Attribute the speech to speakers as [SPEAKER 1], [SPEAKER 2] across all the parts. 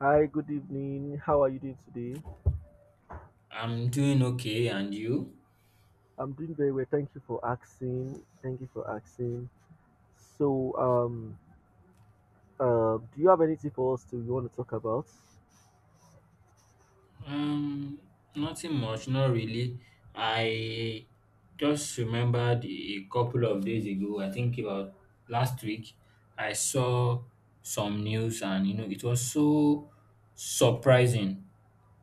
[SPEAKER 1] Hi, good evening. How are you doing today?
[SPEAKER 2] I'm doing okay, and you?
[SPEAKER 1] I'm doing very well. Thank you for asking. Thank you for asking. So, um, do you have anything for us to you want to talk about?
[SPEAKER 2] Um, Nothing much, not really. I just remembered a couple of days ago, I think about last week, I saw some news, and you know, it was so surprising.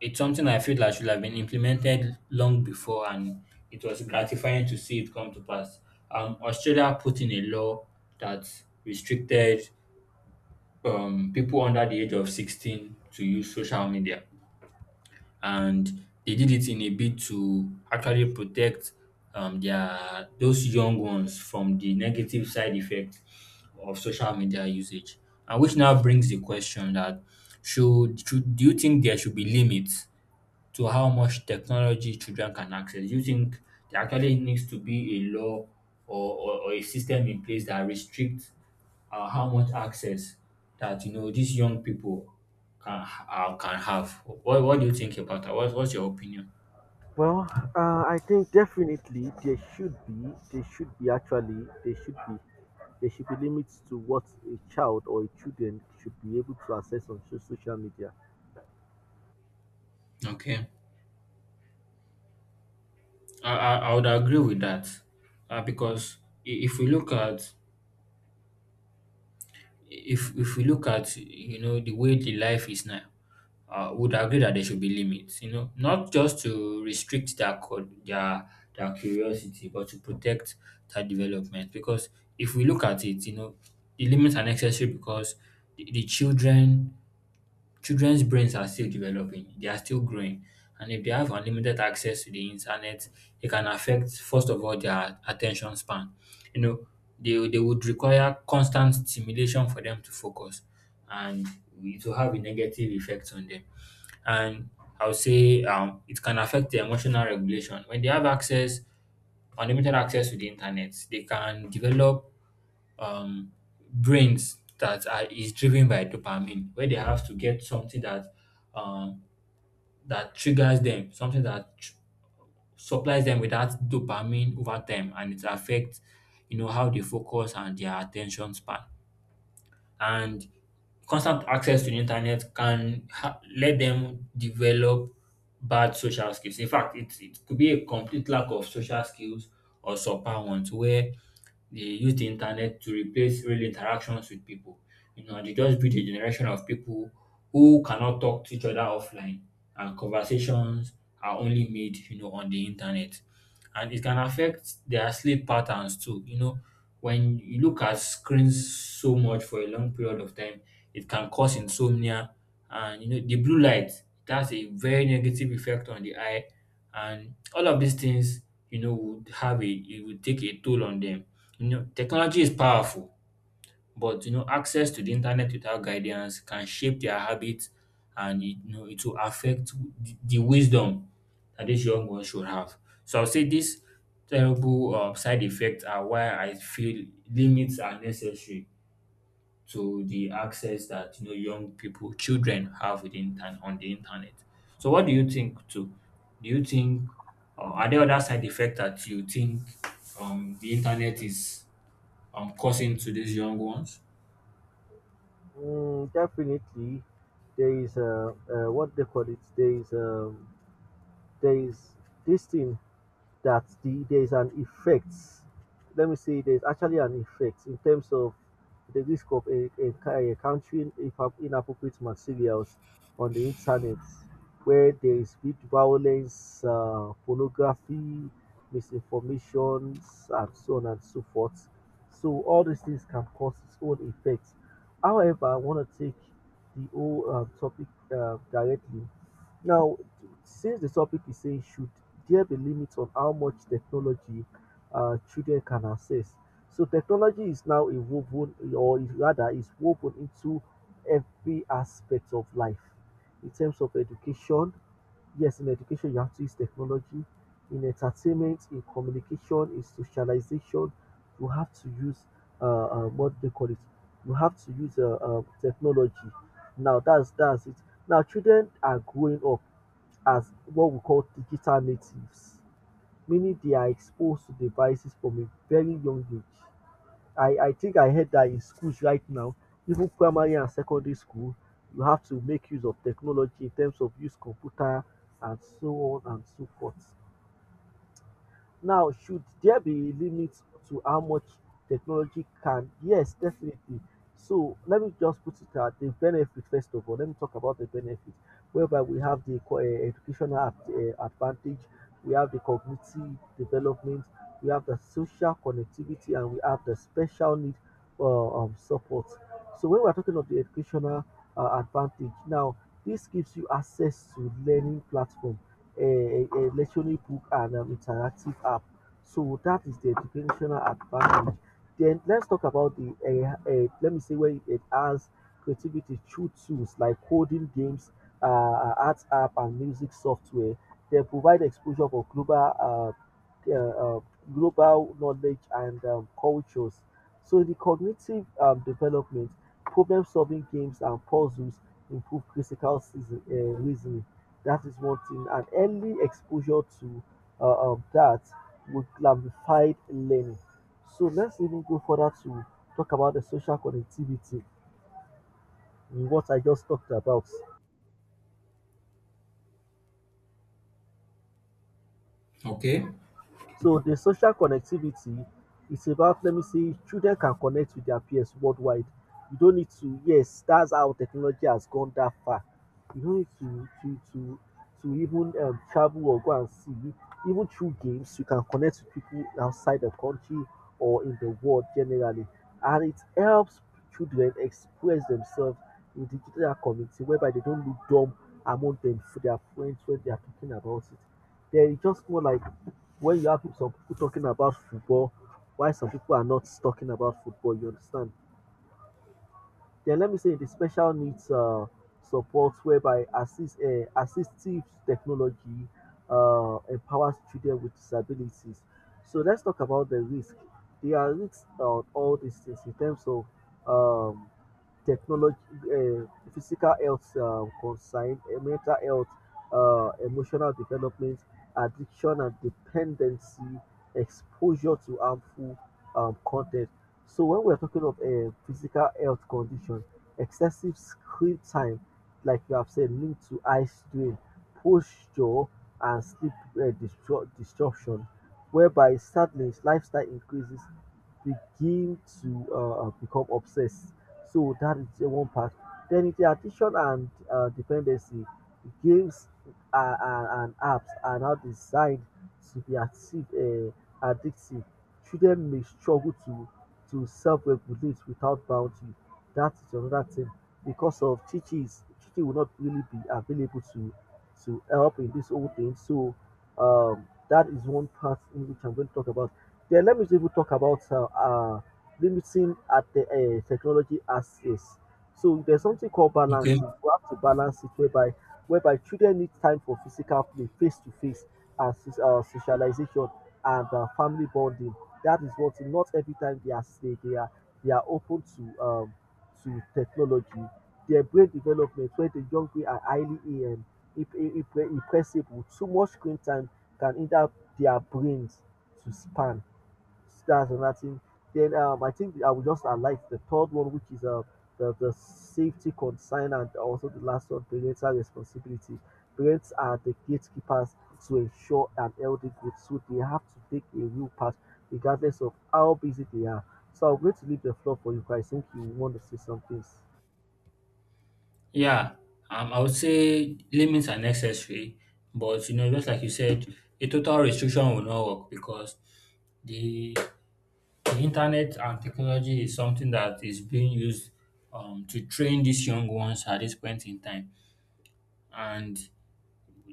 [SPEAKER 2] It's something I feel like should have been implemented long before, and it was gratifying to see it come to pass. Australia put in a law that restricted people under the age of 16 to use social media. And they did it in a bid to actually protect their those young ones from the negative side effects of social media usage. And which now brings the question that should do you think there should be limits to how much technology children can access. Do you think there actually needs to be a law or a system in place that restricts how much access that you know these young people can can have? What do you think about that? What's your opinion?
[SPEAKER 1] Well, I think definitely there should be actually, there should be limits to what a child or a children should be able to access on social media.
[SPEAKER 2] Okay, I would agree with that because if we look at if we look at you know the way the life is now, would agree that there should be limits. You know, not just to restrict their their curiosity, but to protect their development. Because if we look at it, you know, the limits are necessary because the children Children's brains are still developing, they are still growing, and if they have unlimited access to the internet, it can affect, first of all, their attention span. You know, they would require constant stimulation for them to focus, and it will have a negative effect on them. And I would say it can affect their emotional regulation. When they have access, unlimited access to the internet, they can develop um, brains that are is driven by dopamine, where they have to get something that um, that triggers them, something that supplies them with that dopamine over time, and it affects you know how they focus and their attention span. And constant access to the internet can let them develop bad social skills. In fact, it could be a complete lack of social skills or subpar ones where they use the internet to replace real interactions with people. You know, they just breed a generation of people who cannot talk to each other offline and conversations are only made, you know, on the internet. And it can affect their sleep patterns too. You know, when you look at screens so much for a long period of time, it can cause insomnia and you know the blue light it has a very negative effect on the eye and all of these things you know would have a it would take a toll on them. You know technology is powerful but you know access to the internet without guidance can shape their habits and it, you know it will affect the wisdom that these young ones should have. So I'll say these terrible side effects are why I feel limits are necessary to the access that you know young people, children have with the intern on the internet. So what do you think too? Do you think are there other side effects that you think the internet is causing to these young ones?
[SPEAKER 1] Mm, definitely, there is what they call it. There is this thing. There's an effect. Let me say there's actually an effect in terms of the risk of inappropriate materials on the internet, where there is big violence, pornography, misinformations, and so on and so forth. So all these things can cause its own effects. However, I want to take the whole topic directly now, since the topic is saying, should there be limits on how much technology children can access? So, technology is now a woven, or is rather, is woven into every aspect of life. In terms of education, yes, in education, you have to use technology. In entertainment, in communication, in socialization, you have to use what they call it. You have to use technology. Now, that's it. Now, children are growing up as what we call digital natives, meaning they are exposed to devices from a very young age. I think I heard that in schools right now, even primary and secondary school, you have to make use of technology in terms of use computer and so on and so forth. Now, should there be limits to how much technology can? Yes, definitely. So let me just put it at the benefit first of all. Let me talk about the benefit, whereby we have the educational advantage, we have the cognitive development, we have the social connectivity, and we have the special need support. So when we're talking of the educational advantage, now this gives you access to learning platforms a lectionary book and an interactive app. So that is the educational advantage. Then let's talk about the let me say where it has creativity through tools like coding games, art app, and music software. They provide exposure for global uh, uh, global knowledge and cultures. So the cognitive development, problem-solving games and puzzles improve reasoning. That is one thing. And early exposure to that would glamify learning. So let's even go further to talk about the social connectivity in what I just talked about.
[SPEAKER 2] Okay.
[SPEAKER 1] So the social connectivity is about, let me see, children can connect with their peers worldwide. You don't need to, yes, that's how technology has gone that far. You don't need to even travel or go and see. Even through games, you can connect with people outside the country or in the world generally. And it helps children express themselves in digital community whereby they don't look dumb among them for their friends when they are talking about it. Then it's just more like when you have some people talking about football, why some people are not talking about football, you understand? Then let me say the special needs support whereby assistive technology empowers children with disabilities. So let's talk about the risk. There are risks on all these things in terms of um, technology, uh, physical health concern, mental health, emotional development, addiction and dependency, exposure to harmful content. So when we're talking of a physical health condition, excessive screen time, like you have said, linked to eye strain, posture and sleep disruption, whereby sadness, lifestyle increases begin to become obsessed, so that is one part. Then it's the addiction and dependency. Games uh, and, and apps are now designed to be addictive. Addictive. Children may struggle to self-regulate without boundary. That is another thing. Because of teachers, teaching will not really be available to help in this whole thing. So that is one part in which I'm going to talk about. Then let me even talk about limiting at the technology as is. So there's something called
[SPEAKER 2] Okay.
[SPEAKER 1] balancing. We have to balance it whereby children need time for physical play, face to face, and socialization and family bonding. That is what, not every time they are they are open to technology. Their brain development, where the young people are highly impressible, too much screen time can hinder their brains to span. That's another thing. Then I think I will just highlight the third one, which is the safety concern, and also the last one, parental responsibility. Parents are the gatekeepers to ensure an healthy group, so they have to take a real part regardless of how busy they are. So I'm going to leave the floor for you guys. I think you want to say some things.
[SPEAKER 2] Yeah. I would say limits are necessary, but you know, just like you said, a total restriction will not work because the the internet and technology is something that is being used to train these young ones at this point in time. And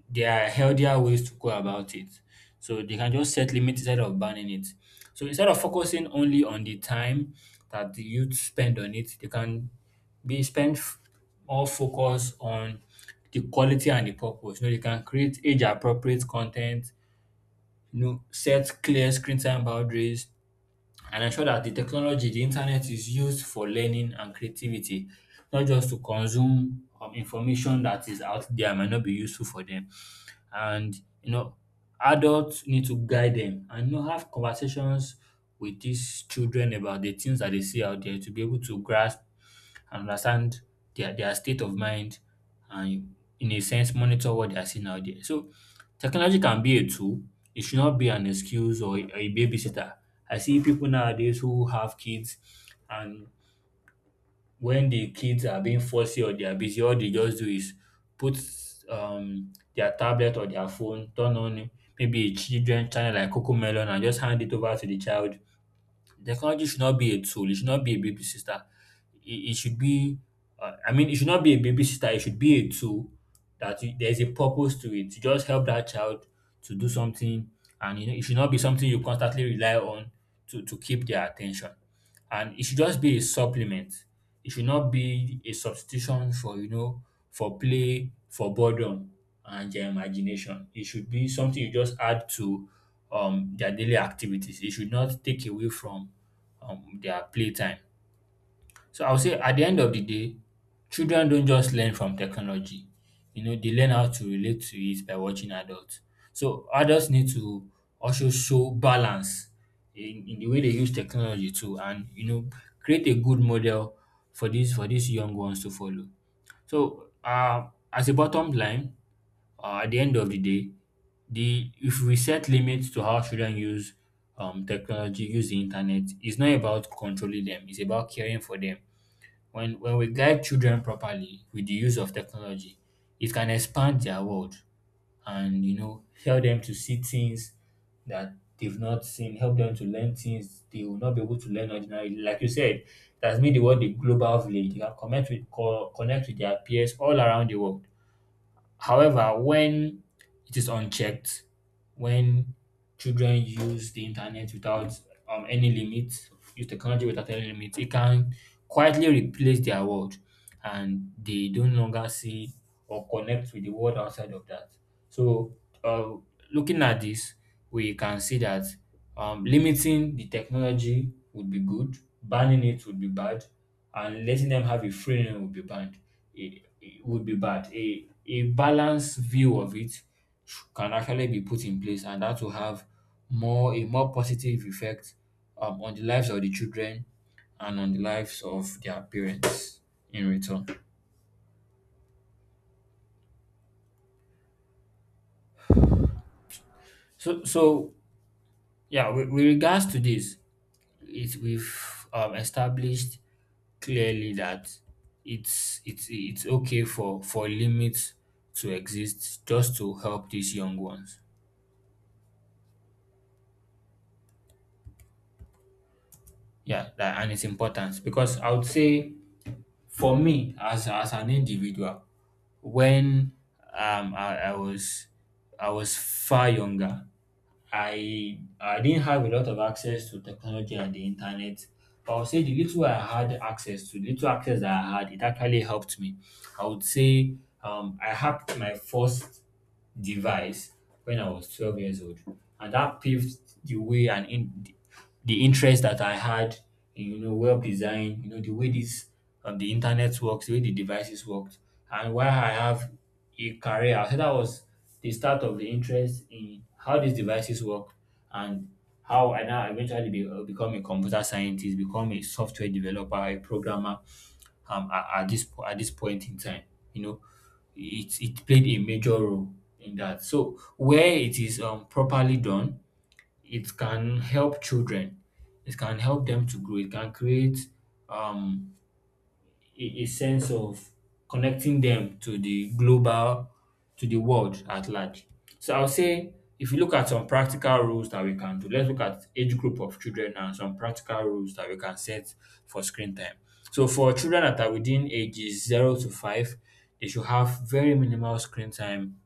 [SPEAKER 2] there are healthier ways to go about it. So they can just set limits instead of banning it. So instead of focusing only on the time that the youth spend on it, they can be spend f- more focus on the quality and the purpose. You know, they can create age appropriate content, you know, set clear screen time boundaries, and ensure that the technology, the internet is used for learning and creativity, not just to consume information that is out there and might not be useful for them and you know adults need to guide them and you know have conversations with these children about the things that they see out there to be able to grasp and understand their state of mind and in a sense monitor what they are seeing out there. So technology can be a tool. It should not be an excuse or a babysitter. I see people nowadays who have kids and when the kids are being fussy or they are busy, all they just do is put their tablet or their phone, turn on maybe a children channel like Coco Melon and just hand it over to the child. Technology should not be a tool. It should not be a babysitter. It should be, I mean, it should not be a babysitter. It should be a tool that you, there's a purpose to it to just help that child to do something. And you know, it should not be something you constantly rely on to keep their attention. And it should just be a supplement. It should not be a substitution for, you know, for play, for boredom and their imagination. It should be something you just add to their daily activities. It should not take away from their playtime. So I would say at the end of the day, children don't just learn from technology. You know, they learn how to relate to it by watching adults. So adults need to also show balance in the way they use technology too and you know create a good model for these young ones to follow. So as a bottom line, at the end of the day, the if we set limits to how children use technology, use the internet, it's not about controlling them. It's about caring for them. When we guide children properly with the use of technology, it can expand their world and you know help them to see things that they've not seen. Help them to learn things they will not be able to learn ordinarily. Like you said, that's made the world a global village. They can connect with connect with their peers all around the world. However, when it is unchecked, when children use the internet without any limit, use technology without any limit, it can quietly replace their world and they don't longer see or connect with the world outside of that. So, uh, looking at this, we can see that limiting the technology would be good, banning it would be bad, and letting them have a free reign would be bad. It would be bad. A balanced view of it can actually be put in place and that will have more positive effect on the lives of the children and on the lives of their parents in return. So yeah, with regards to this, we've established clearly that it's okay for limits to exist just to help these young ones. Yeah, that, and its importance because I would say for me as an individual when um I, I was I was far younger. I didn't have a lot of access to technology and the internet. But I would say the little I had access to, the little access that I had, it actually helped me. I would say I hacked my first device when I was 12 years old. And that paved the way and in the interest that I had in, you know, web design, you know, the way this the internet works, the way the devices worked, and why I have a career. So that was the start of the interest in how these devices work and how I now eventually be, become a computer scientist, become a software developer, a programmer, at, at this point in time. You know, it played a major role in that. So where it is properly done, it can help children. It can help them to grow. It can create um a sense of connecting them to the global, to the world at large. So I'll say if you look at some practical rules that we can do, let's look at age group of children and some practical rules that we can set for screen time. So for children that are within ages 0 to 5, they should have very minimal screen time.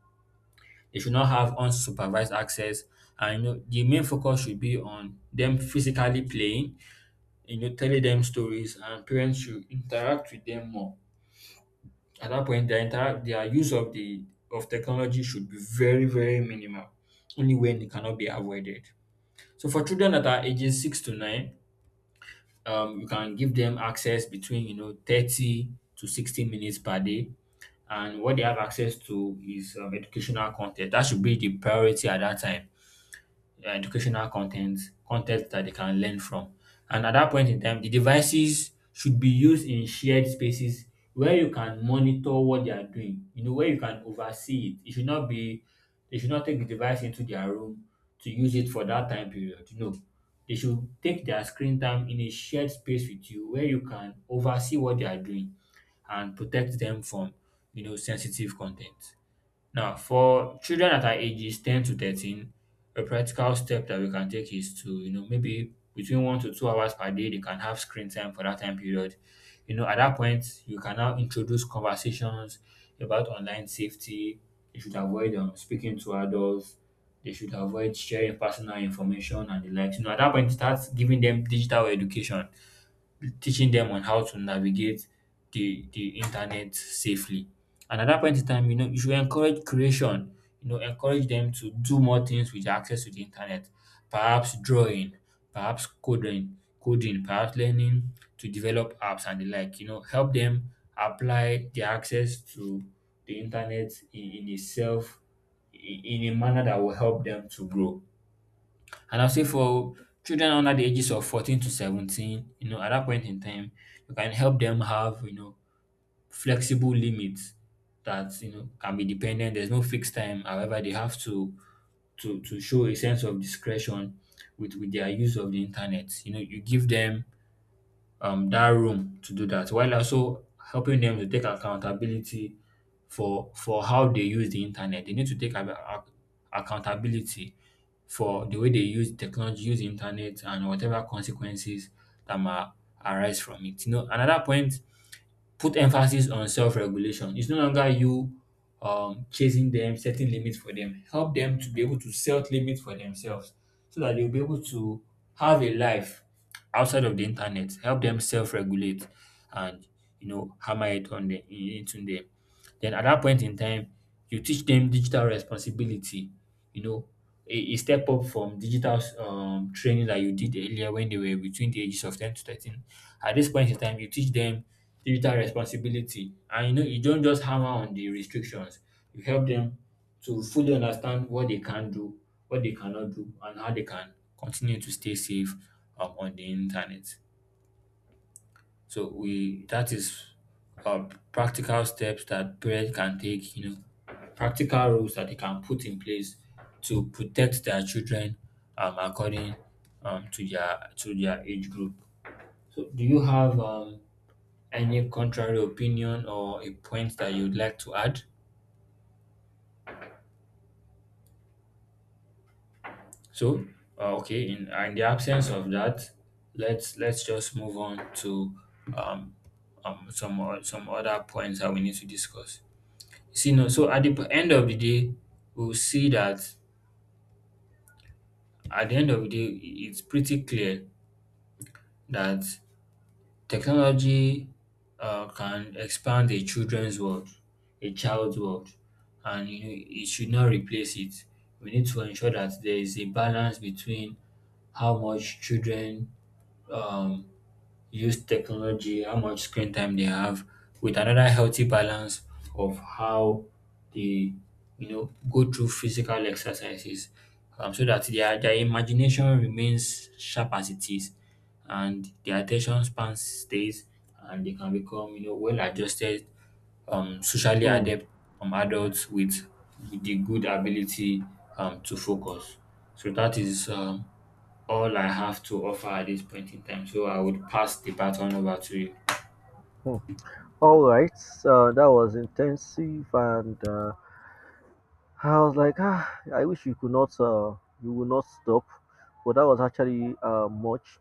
[SPEAKER 2] They should not have unsupervised access. And the main focus should be on them physically playing, telling them stories, and parents should interact with them more at that point their use of the of technology should be very minimal, only when it cannot be avoided. So for children that are ages six to nine, you can give them access between 30 to 60 minutes per day. And what they have access to is educational content. That should be the priority at that time. Educational content, content that they can learn from. And at that point in time, the devices should be used in shared spaces where you can monitor what they are doing. You know, where you can oversee it. It should not be They should not take the device into their room to use it for that time period. No, they should take their screen time in a shared space with you where you can oversee what they are doing and protect them from, you know, sensitive content. Now, for children that are ages 10 to 13, a practical step that we can take is to, you know, maybe between 1 to 2 hours per day, they can have screen time for that time period. You know, at that point, you can now introduce conversations about online safety. They should avoid speaking to adults. They should avoid sharing personal information and the likes. You know, at that point, start giving them digital education, teaching them on how to navigate the internet safely. And at that point in time, you know, you should encourage creation. You know, encourage them to do more things with access to the internet. Perhaps drawing, perhaps coding, perhaps learning to develop apps and the like. You know, help them apply the access to the internet in itself in a manner that will help them to grow. And I'll say for children under the ages of 14 to 17, you know, at that point in time, you can help them have, you know, flexible limits that, you know, can be dependent. There's no fixed time. However, they have to show a sense of discretion with their use of the internet. You know, you give them that room to do that while also helping them to take accountability for how they use the internet. They need to take accountability for the way they use technology, use the internet, and whatever consequences that might arise from it. You know, another point, put emphasis on self-regulation. It's no longer you chasing them, setting limits for them. Help them to be able to set limits for themselves so that they'll be able to have a life outside of the internet. Help them self-regulate and, you know, hammer it on the into them. Then at that point in time, you teach them digital responsibility, you know, a step up from digital training that you did earlier when they were between the ages of 10 to 13. At this point in time, you teach them digital responsibility. And you know, you don't just hammer on the restrictions, you help them to fully understand what they can do, what they cannot do, and how they can continue to stay safe on the internet. So we that is practical steps that parents can take, you know, practical rules that they can put in place to protect their children, according to their age group. So do you have any contrary opinion or a point that you'd like to add? So okay, in the absence of that, let's just move on to um, some some other points that we need to discuss. See no so at the p- end of the day, we'll see that At the end of the day, it's pretty clear that technology can expand a child's world, and you know it should not replace it. We need to ensure that there is a balance between how much children um, use technology, how much screen time they have, with another healthy balance of how they, you know, go through physical exercises, so that their imagination remains sharp as it is, and their attention span stays, and they can become, you know, well adjusted socially
[SPEAKER 1] Mm,
[SPEAKER 2] adept, adults with the good ability, to focus. So that is, all I have to offer at this point in time. So I would pass the baton over to you.
[SPEAKER 1] mm. All right, so that was intensive, and I was like, ah, I wish you could not, you will not stop, but that was actually much.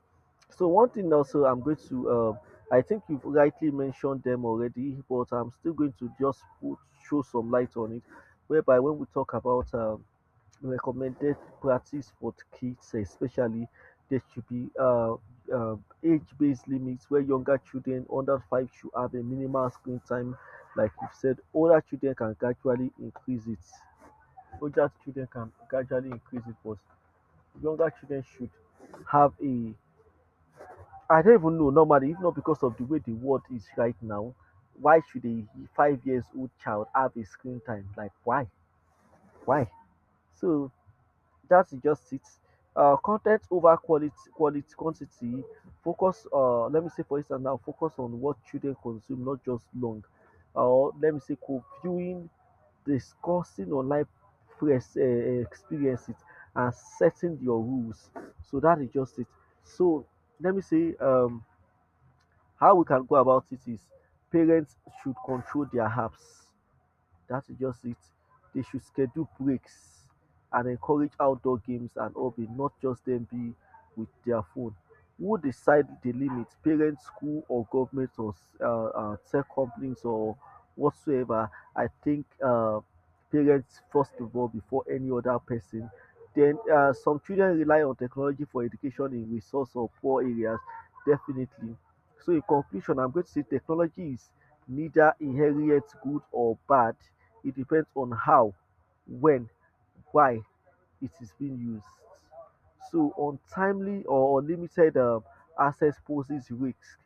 [SPEAKER 1] So one thing also, I'm going to, I think you've rightly mentioned them already, but I'm still going to just put, show some light on it, whereby when we talk about recommended practice for kids, especially, there should be uh, age-based limits where younger children under five should have a minimal screen time, like you've said. Older children can gradually increase it, but younger children should have a I don't even know normally, if not because of the way the world is right now, why should a 5 years old child have a screen time? Like why? Why? So that's just it. Content over quality, quantity. Focus. Let me say for instance now, focus on what children consume, not just long. Or let me say viewing, discussing online press experiences, and setting your rules. So that is just it. So let me say how we can go about it is parents should control their apps. That's just it. They should schedule breaks and encourage outdoor games and hobby, not just them be with their phone. Who decide the limits? Parents, school, or government, or tech companies, or whatsoever? I think parents first of all before any other person. Then some children rely on technology for education in resource or poor areas, definitely. So in conclusion, I'm going to say technology is neither inherent good or bad. It depends on how, when, why it is being used. So untimely or unlimited access poses risks,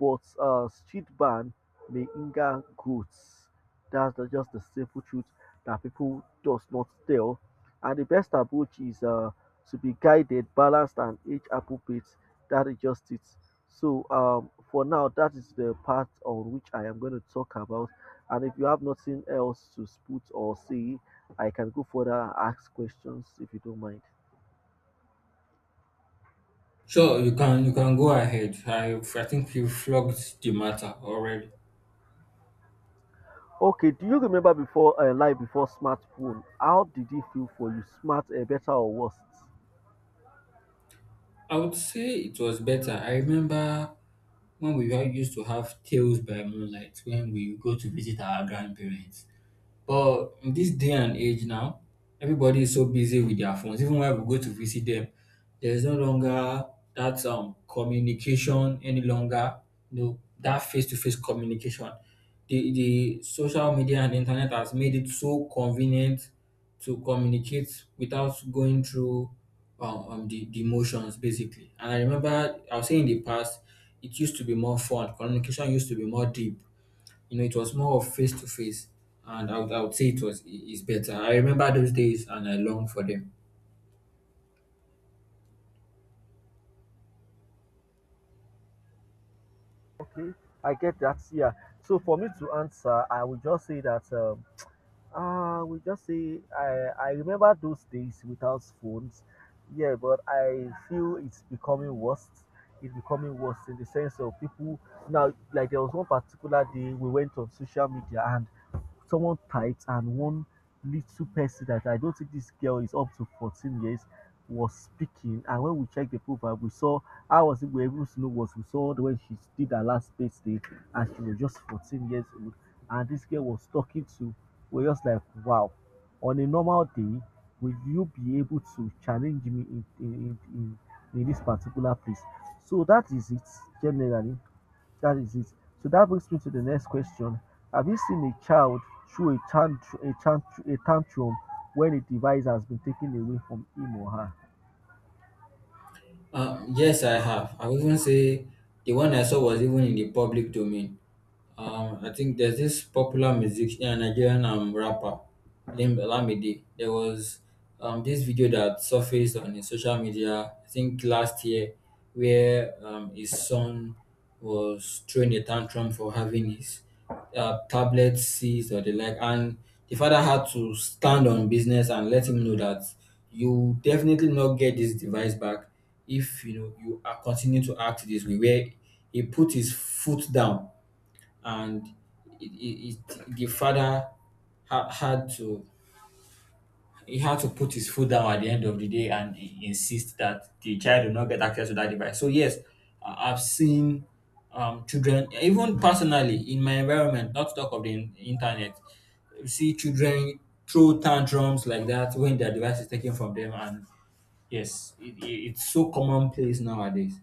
[SPEAKER 1] but street ban may hinder goods. That's the, just the simple truth that people does not tell. And the best approach is to be guided, balanced, and age appropriate. That is just it. So for now, that is the part on which I am going to talk about. And if you have nothing else to put or say, I can go further and ask questions if you don't mind.
[SPEAKER 2] Sure, you can go ahead. I think you flogged the matter already.
[SPEAKER 1] Okay, do you remember before life before smartphone? How did it feel for you? Smart, better or worse?
[SPEAKER 2] I would say it was better. I remember when we were used to have tales by moonlight when we go to visit our grandparents. But in this day and age now, everybody is so busy with their phones. Even when we go to visit them, there is no longer that communication any longer. You know, that face to face communication. The social media and internet has made it so convenient to communicate without going through the emotions basically. And I remember I was saying in the past, it used to be more fun. Communication used to be more deep, you know, it was more of face to face, and I would say it was is better. I remember those days, and I long for them.
[SPEAKER 1] Okay, I get that. Yeah. So for me to answer, I will just say that we just say I remember those days without phones. Yeah, but I feel it's becoming worse. It's becoming worse in the sense of people now. Like there was one particular day we went on social media, and someone typed, and one little person that I don't think this girl is up to 14 years was speaking, and when we checked the profile we saw I was we were able to know what we saw when she did her last birthday, and she was just 14 years old, and this girl was talking to, we were just like wow, on a normal day will you be able to challenge me in in this particular place, so that is it generally, that is it. So that brings me to the next question. Have you seen a child through a tantrum when a device has been taken away from him or her?
[SPEAKER 2] Yes, I have. I would even say the one I saw was even in the public domain. I think there's this popular musician, Nigerian rapper named Lamidi. There was this video that surfaced on his social media, I think last year, where his son was throwing a tantrum for having his tablets, seeds, or the like. And the father had to stand on business and let him know that you definitely not get this device back if you know you are continue to act this way. Where he put his foot down, and it, the father ha- had to he had to put his foot down at the end of the day and insist that the child will not get access to that device. So yes, I've seen children, even personally in my environment, not to talk of the internet, you see children throw tantrums like that when their device is taken from them, and yes, it's so commonplace nowadays.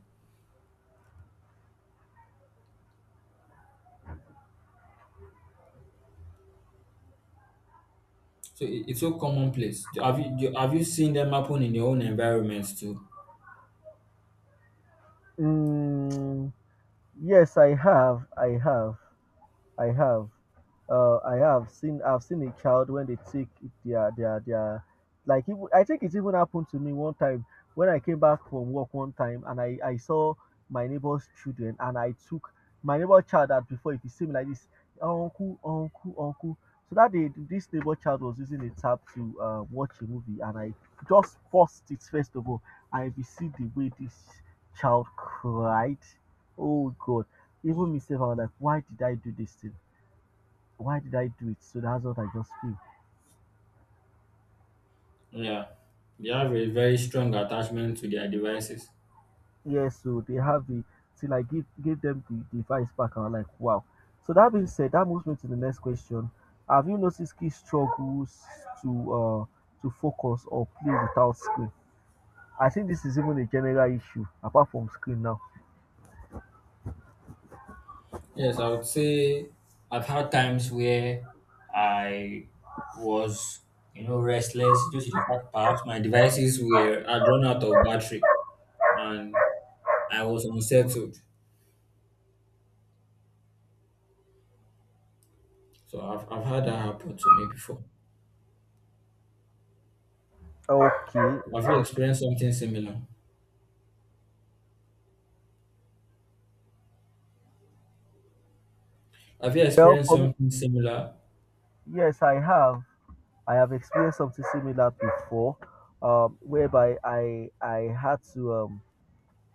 [SPEAKER 2] So it's so commonplace. Have you seen them happen in your own environments too?
[SPEAKER 1] Mm, yes, I have. I have seen. I've seen a child when they take their. Like even, I think it even happened to me one time when I came back from work one time, and I saw my neighbor's children, and I took my neighbor child that before if he see me like this, uncle. So that day this neighbor child was using a tab to watch a movie and I just forced it first of all. I see the way this child cried. Oh God, even myself, I was like, why did I do this thing? Why did I do it? So that's what I just feel.
[SPEAKER 2] Yeah, they have a very strong attachment to their devices.
[SPEAKER 1] Yeah, so they have the till I give them the device back. I was like, wow. So that being said, that moves me to the next question. Have you noticed kids struggles to uh to focus or play without screen? I think this is even a general issue apart from screen now.
[SPEAKER 2] Yes, I would say I've had times where I was, you know, restless due to the fact perhaps my devices were had run out of battery and I was unsettled. So I've had that happen to me before.
[SPEAKER 1] Okay,
[SPEAKER 2] Have you
[SPEAKER 1] okay.
[SPEAKER 2] experienced something similar? Have you
[SPEAKER 1] Well,
[SPEAKER 2] experienced
[SPEAKER 1] for me,
[SPEAKER 2] something similar?
[SPEAKER 1] yes, I have. I have experienced something similar before, whereby I had to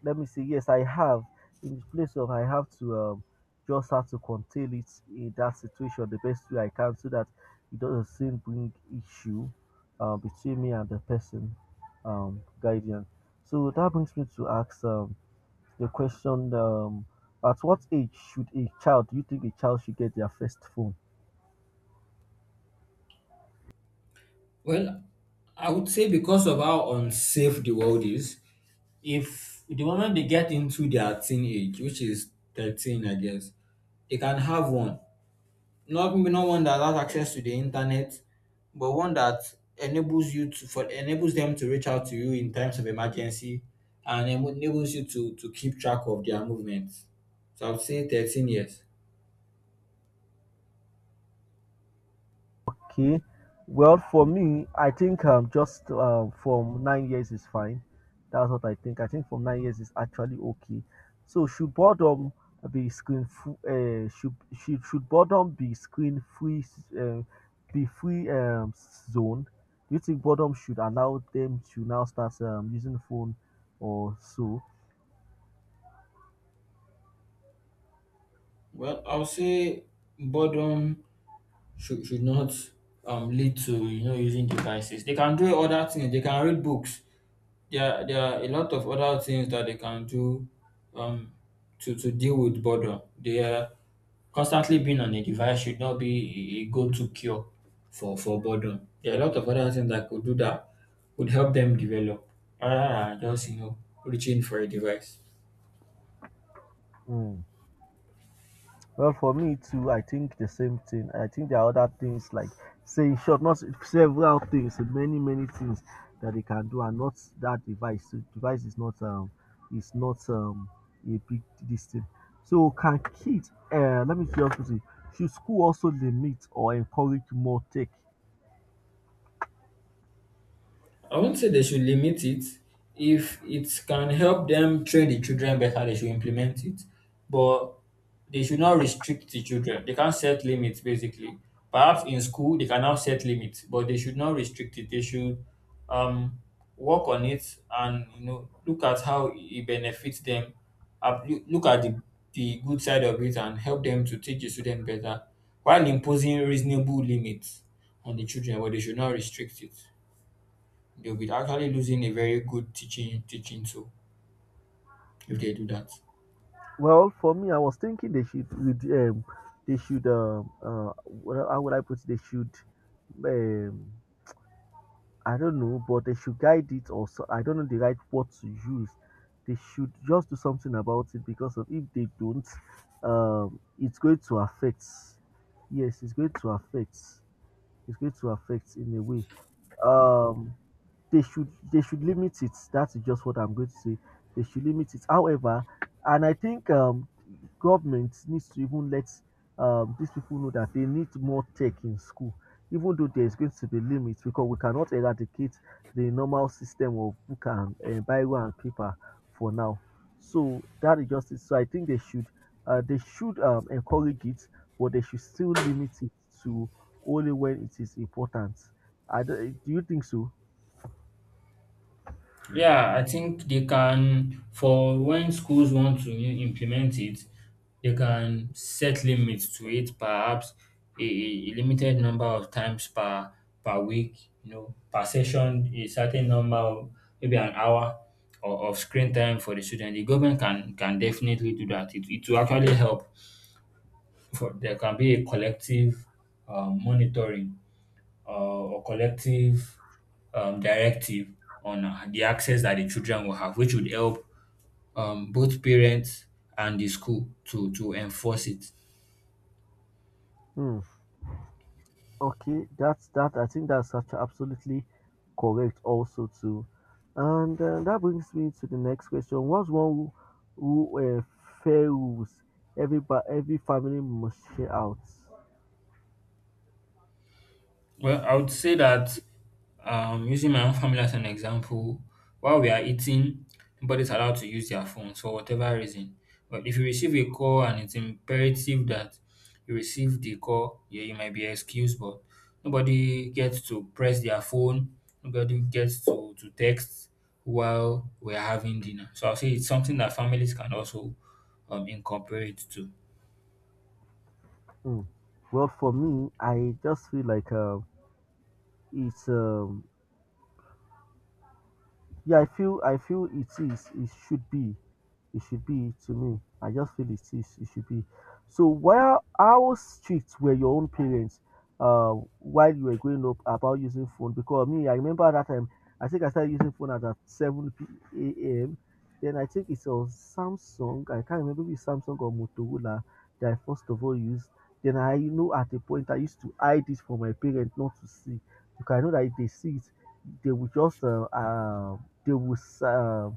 [SPEAKER 1] let me see. Yes, I have. In the place of I have to just have to contain it in that situation the best way I can, so that it doesn't seem bring issue between me and the person, guardian. So that brings me to ask the question: at what age should a child? Do you think a child should get their first phone?
[SPEAKER 2] Well, I would say because of how unsafe the world is, if the moment they get into their teenage, which is 13, I guess, they can have one. Not maybe not one that has access to the internet, but one that enables them to reach out to you in times of emergency and enables you to keep track of their movements. So I would say 13 years.
[SPEAKER 1] Okay. Well, for me, I think just from 9 years is fine. That's what I think. I think from 9 years is actually okay. So should boredom be screen free? Should should boredom be screen free? Uh, be free zone? Do you think boredom should allow them to now start using phone or so?
[SPEAKER 2] Well, I would say boredom should not lead to, you know, using devices. They can do other things. They can read books. There are a lot of other things that they can do um to deal with boredom. They are Constantly being on a device should not be a go-to cure for boredom. There are a lot of other things that could do that would help them develop rather than just, you know, reaching for a device.
[SPEAKER 1] Mm. Well, for me too, I think the same thing. I think there are other things like saying short, not several things, many many things that they can do, and not that device. So device is not is not um a big this thing. So can kids? Let me just put it. Should school also limit or encourage more tech?
[SPEAKER 2] I won't say they should limit it. If it can help them train the children better, they should implement it. But they should not restrict the children. They can't set limits basically. Perhaps in school they can now set limits, but they should not restrict it. They should um work on it and, you know, look at how it benefits them. Look at the good side of it and help them to teach the student better while imposing reasonable limits on the children, but they should not restrict it. They'll be actually losing a very good teaching tool if they do that.
[SPEAKER 1] Well, for me, I was thinking they should how would I put it? They should um I don't know, but they should guide it or so, I don't know the right word to use. They should just do something about it because of if they don't, it's going to affect. Yes, it's going to affect. It's going to affect in a way. Um, they should limit it. That is just what I'm going to say. They should limit it. However, and I think government needs to even let these people know that they need more tech in school, even though there is going to be limits because we cannot eradicate the normal system of book and Bible and paper for now. So that is just it. So I think they should encourage it, but they should still limit it to only when it is important. I, do you think so?
[SPEAKER 2] Yeah, I think they can, for when schools want to implement it, they can set limits to it, perhaps a limited number of times per week, you know, per session, a certain number of maybe an hour or of screen time for the student. The government can definitely do that. It will actually help. For, there can be a collective monitoring or collective, directive on the access that the children will have, which would help, both parents and the school to enforce it.
[SPEAKER 1] Hmm. Okay, that's that. I think that's such absolutely correct also too. And that brings me to the next question. What's one who fair rules every every family must share out?
[SPEAKER 2] Well, I would say that using my own family as an example, while we are eating, nobody's allowed to use their phones for whatever reason. But if you receive a call and it's imperative that you receive the call, yeah, you might be excused, but nobody gets to press their phone, nobody gets to text while we're having dinner. So I'll say it's something that families can also incorporate too.
[SPEAKER 1] Hmm. Well, for me, I just feel like it's yeah, I feel it is. It should be. It should be to me. I just feel it is. It should be. So where how strict were your own parents uh, while you were growing up about using phone? Because me, I remember at that time. I think I started using phone at 7 p.m. Then I think it's a Samsung. I can't remember if it's Samsung or Motorola that I first of all used. Then I know at a point I used to hide it from my parents not to see because I know that if they see it, they will just they will s- uh,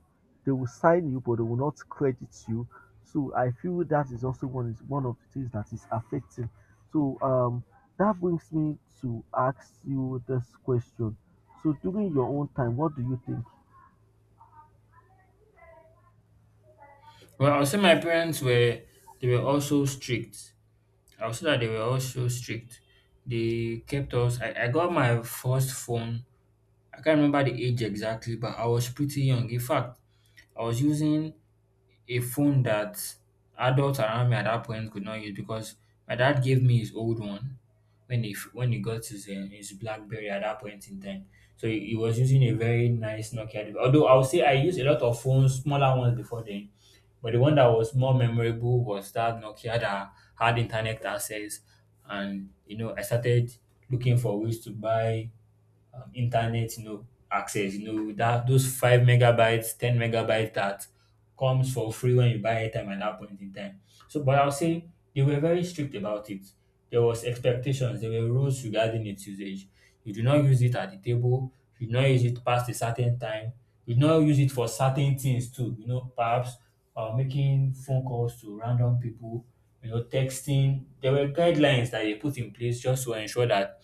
[SPEAKER 1] they will sign you, but they will not credit you. So I feel that is also one of the things that is affecting. So that brings me to ask you this question. So during your own time, what do you think?
[SPEAKER 2] Well, I'll say my parents were, they were also strict I was that they were also strict. They kept us. I got my first phone. I can't remember the age exactly, but I was pretty young. In fact, I was using a phone that adults around me at that point could not use because my dad gave me his old one when when he got his BlackBerry at that point in time. So he was using a very nice Nokia device. Although I would say I used a lot of phones, smaller ones before then, but the one that was more memorable was that Nokia that had internet access, and you know I started looking for ways to buy internet, you know, access, you know, that those 5 MB 10 MB that comes for free when you buy airtime at that point in time. So but I'll say they were very strict about it. There was expectations, there were rules regarding its usage. You do not use it at the table, you do not use it past a certain time, you do not use it for certain things too, you know, perhaps making phone calls to random people, you know, texting. There were guidelines that they put in place just to ensure that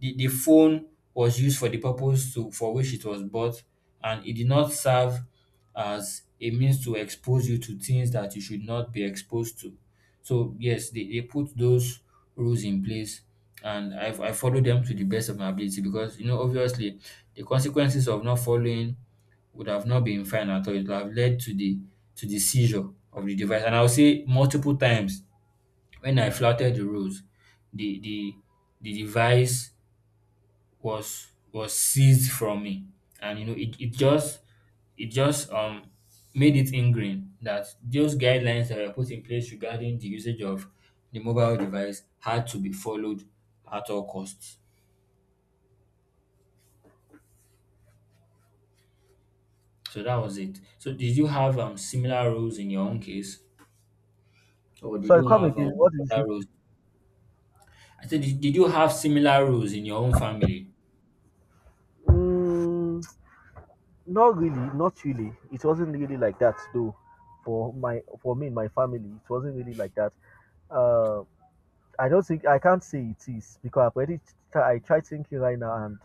[SPEAKER 2] the phone was used for the purpose for which it was bought, and it did not serve as a means to expose you to things that you should not be exposed to. So, yes, they put those rules in place, and I follow them to the best of my ability because, you know, obviously, the consequences of not following would have not been fine at all. It would have led to the seizure of the device. And I'll say multiple times when I flouted the rules, the the device was seized from me, and you know it, it just made it ingrained that those guidelines that were put in place regarding the usage of the mobile device had to be followed at all costs. So that was it. So did you have similar rules in your own case, or did
[SPEAKER 1] Sorry,
[SPEAKER 2] you
[SPEAKER 1] come
[SPEAKER 2] have
[SPEAKER 1] again. What did you
[SPEAKER 2] other
[SPEAKER 1] say?
[SPEAKER 2] rules? I said, did you have similar rules in your own family?
[SPEAKER 1] Mm, not really, not really. It wasn't really like that though. For me and my family, it wasn't really like that. Um I don't think I can't say it is because I've already I try thinking right now and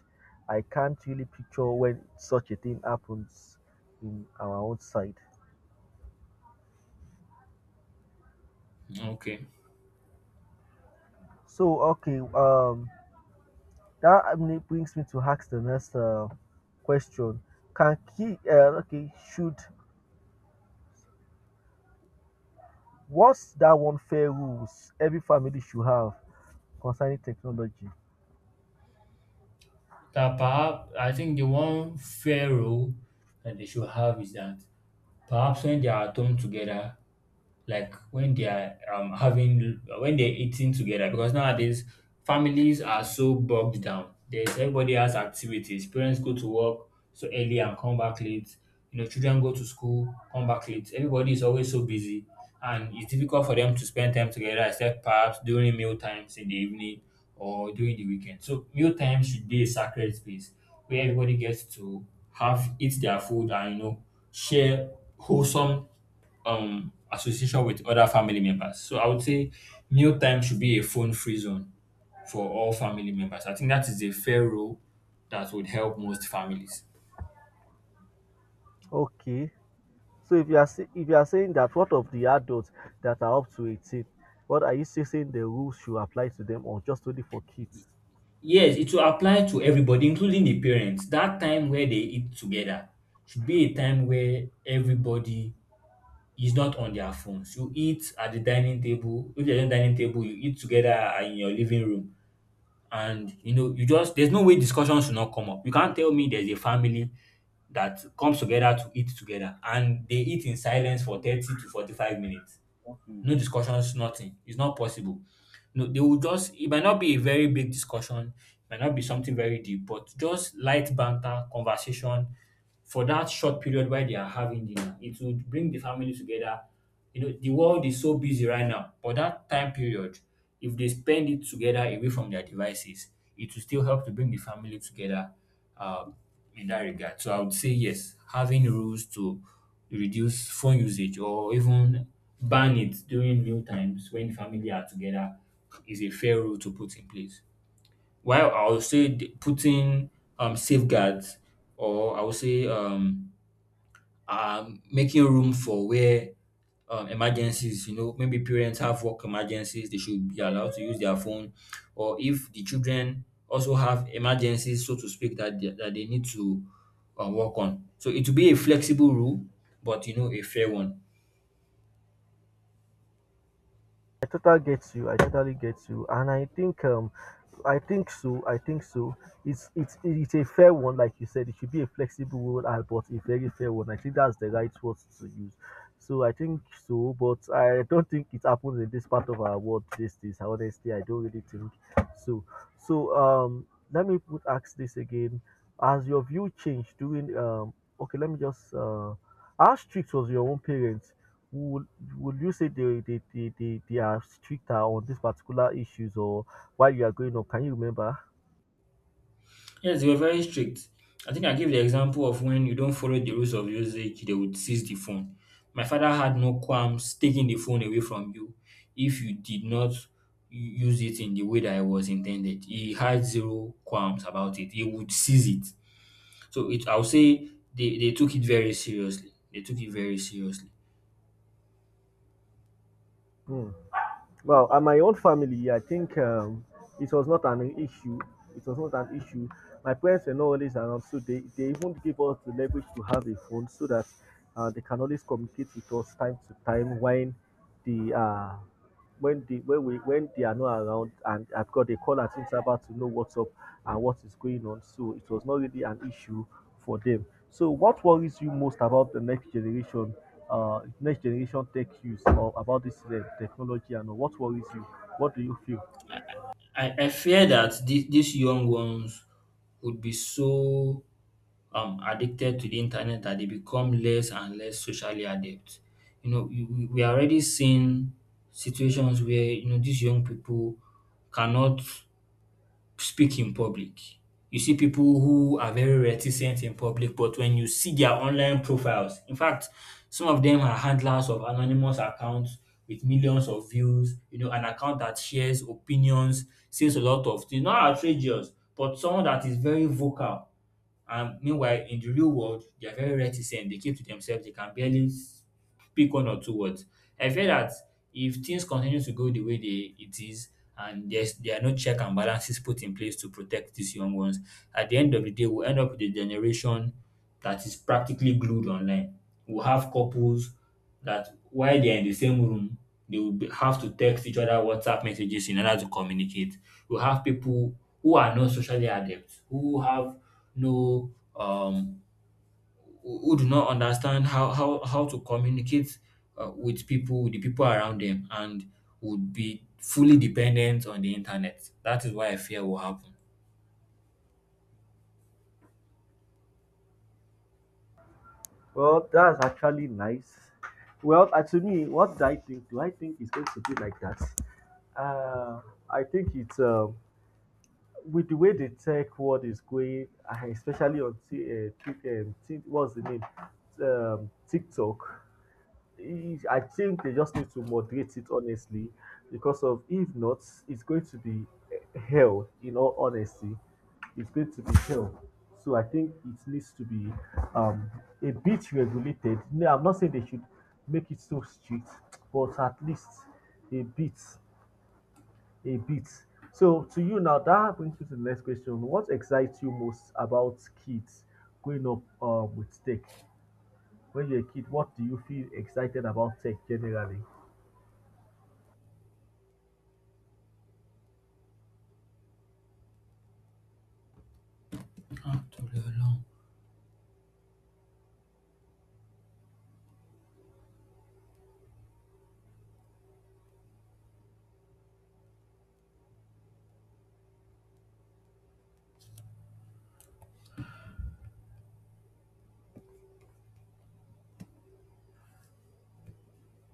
[SPEAKER 1] I can't really picture when such a thing happens in our own side.
[SPEAKER 2] Okay.
[SPEAKER 1] So okay, that brings me to ask the next question: can he? Okay, should what's that one fair rules every family should have concerning technology?
[SPEAKER 2] That perhaps I think the one fair rule that they should have is that perhaps when they are at home together, like when they are having when they're eating together, because nowadays families are so bogged down, there's everybody has activities, parents go to work so early and come back late, you know, children go to school, come back late, everybody is always so busy, and it's difficult for them to spend time together except perhaps during meal times in the evening or during the weekend. So meal time should be a sacred space where everybody gets to have, eat their food, and you know share wholesome association with other family members. So I would say meal time should be a phone free zone for all family members. I think that is a fair rule that would help most families.
[SPEAKER 1] Okay, so if you are say, if you are saying that what of the adults that are up to 18, what are you saying the rules should apply to them or just only for kids?
[SPEAKER 2] Yes, it will apply to everybody, including the parents. That time where they eat together should be a time where everybody is not on their phones. You eat at the dining table. If there's no dining table, you eat together in your living room. And you know you just there's no way discussion should not come up. You can't tell me there's a family that comes together to eat together and they eat in silence for 30 to 45 minutes, no discussions, nothing. It's not possible. No, they will just, it might not be a very big discussion, it might not be something very deep, but just light banter, conversation for that short period while they are having dinner. It would bring the family together. You know, the world is so busy right now, but that time period, if they spend it together away from their devices, it will still help to bring the family together um, in that regard. So I would say yes, having rules to reduce phone usage or even ban it during meal times when family are together is a fair rule to put in place. While I would say putting safeguards, or I would say making room for where emergencies, you know, maybe parents have work emergencies, they should be allowed to use their phone. Or if the children also have emergencies, so to speak, that they need to work on. So it will be a flexible rule, but, you know, a fair one.
[SPEAKER 1] I totally get you. I totally get you, and I think so. I think so. It's it's a fair one, like you said. It should be a flexible rule, but a very fair one. I think that's the right word to use. So I think so, but I don't think it happens in this part of our world these days. Honestly, I don't really think so. So let me put ask this again. Has your view changed during um? Okay, let me just how strict was your own parents? would would you say they are stricter on these particular issues or while you are growing up? Can you remember?
[SPEAKER 2] Yes, they were very strict. I think I gave the example of when you don't follow the rules of usage, they would seize the phone. My father had no qualms taking the phone away from you if you did not use it in the way that it was intended. He had zero qualms about it. He would seize it. So it, I'll say they took it very seriously. They took it very seriously.
[SPEAKER 1] Hmm. Well, and my own family, I think it was not an issue. It was not an issue. My parents were not always around, so they even give us the leverage to have a phone so that they can always communicate with us time to time when they are when they are not around and I've got a call at interval to know what's up and what is going on. So it was not really an issue for them. So what worries you most about the next generation tech use or about this technology and what worries you? What do you feel?
[SPEAKER 2] I fear that these young ones would be so addicted to the internet that they become less and less socially adept. You know, we are already seeing situations where, you know, these young people cannot speak in public. You see people who are very reticent in public, but when you see their online profiles, in fact, some of them are handlers of anonymous accounts with millions of views, you know, an account that shares opinions, says a lot of things, not outrageous, but someone that is very vocal, and meanwhile, in the real world, they are very reticent. They keep to themselves. They can barely pick one or two words. I fear that if things continue to go the way they it is, and there are no check and balances put in place to protect these young ones, at the end of the day we'll end up with a generation that is practically glued online. We'll have couples that while they're in the same room, they will be, have to text each other WhatsApp messages in order to communicate. We'll have people who are not socially adept, who have no um who do not understand how to communicate with people, with the people around them, and would be fully dependent on the internet. That is why I fear will happen.
[SPEAKER 1] Well, that's actually nice. Well, to me, what do I think? Do I think it's going to be like that? Uh, I think it's with the way the tech world is going, ah, especially on what's the name, TikTok, I think they just need to moderate it honestly, because of if not, it's going to be eh, hell. In all honesty, it's going to be hell. So I think it needs to be um, a bit regulated. No, I'm not saying they should make it so strict, but at least a bit a bit. So to you now, that brings me to the next question. What excites you most about kids growing up with tech? When you're a kid, what do you feel excited about tech generally?
[SPEAKER 2] Ah, torí Ọlọ́run.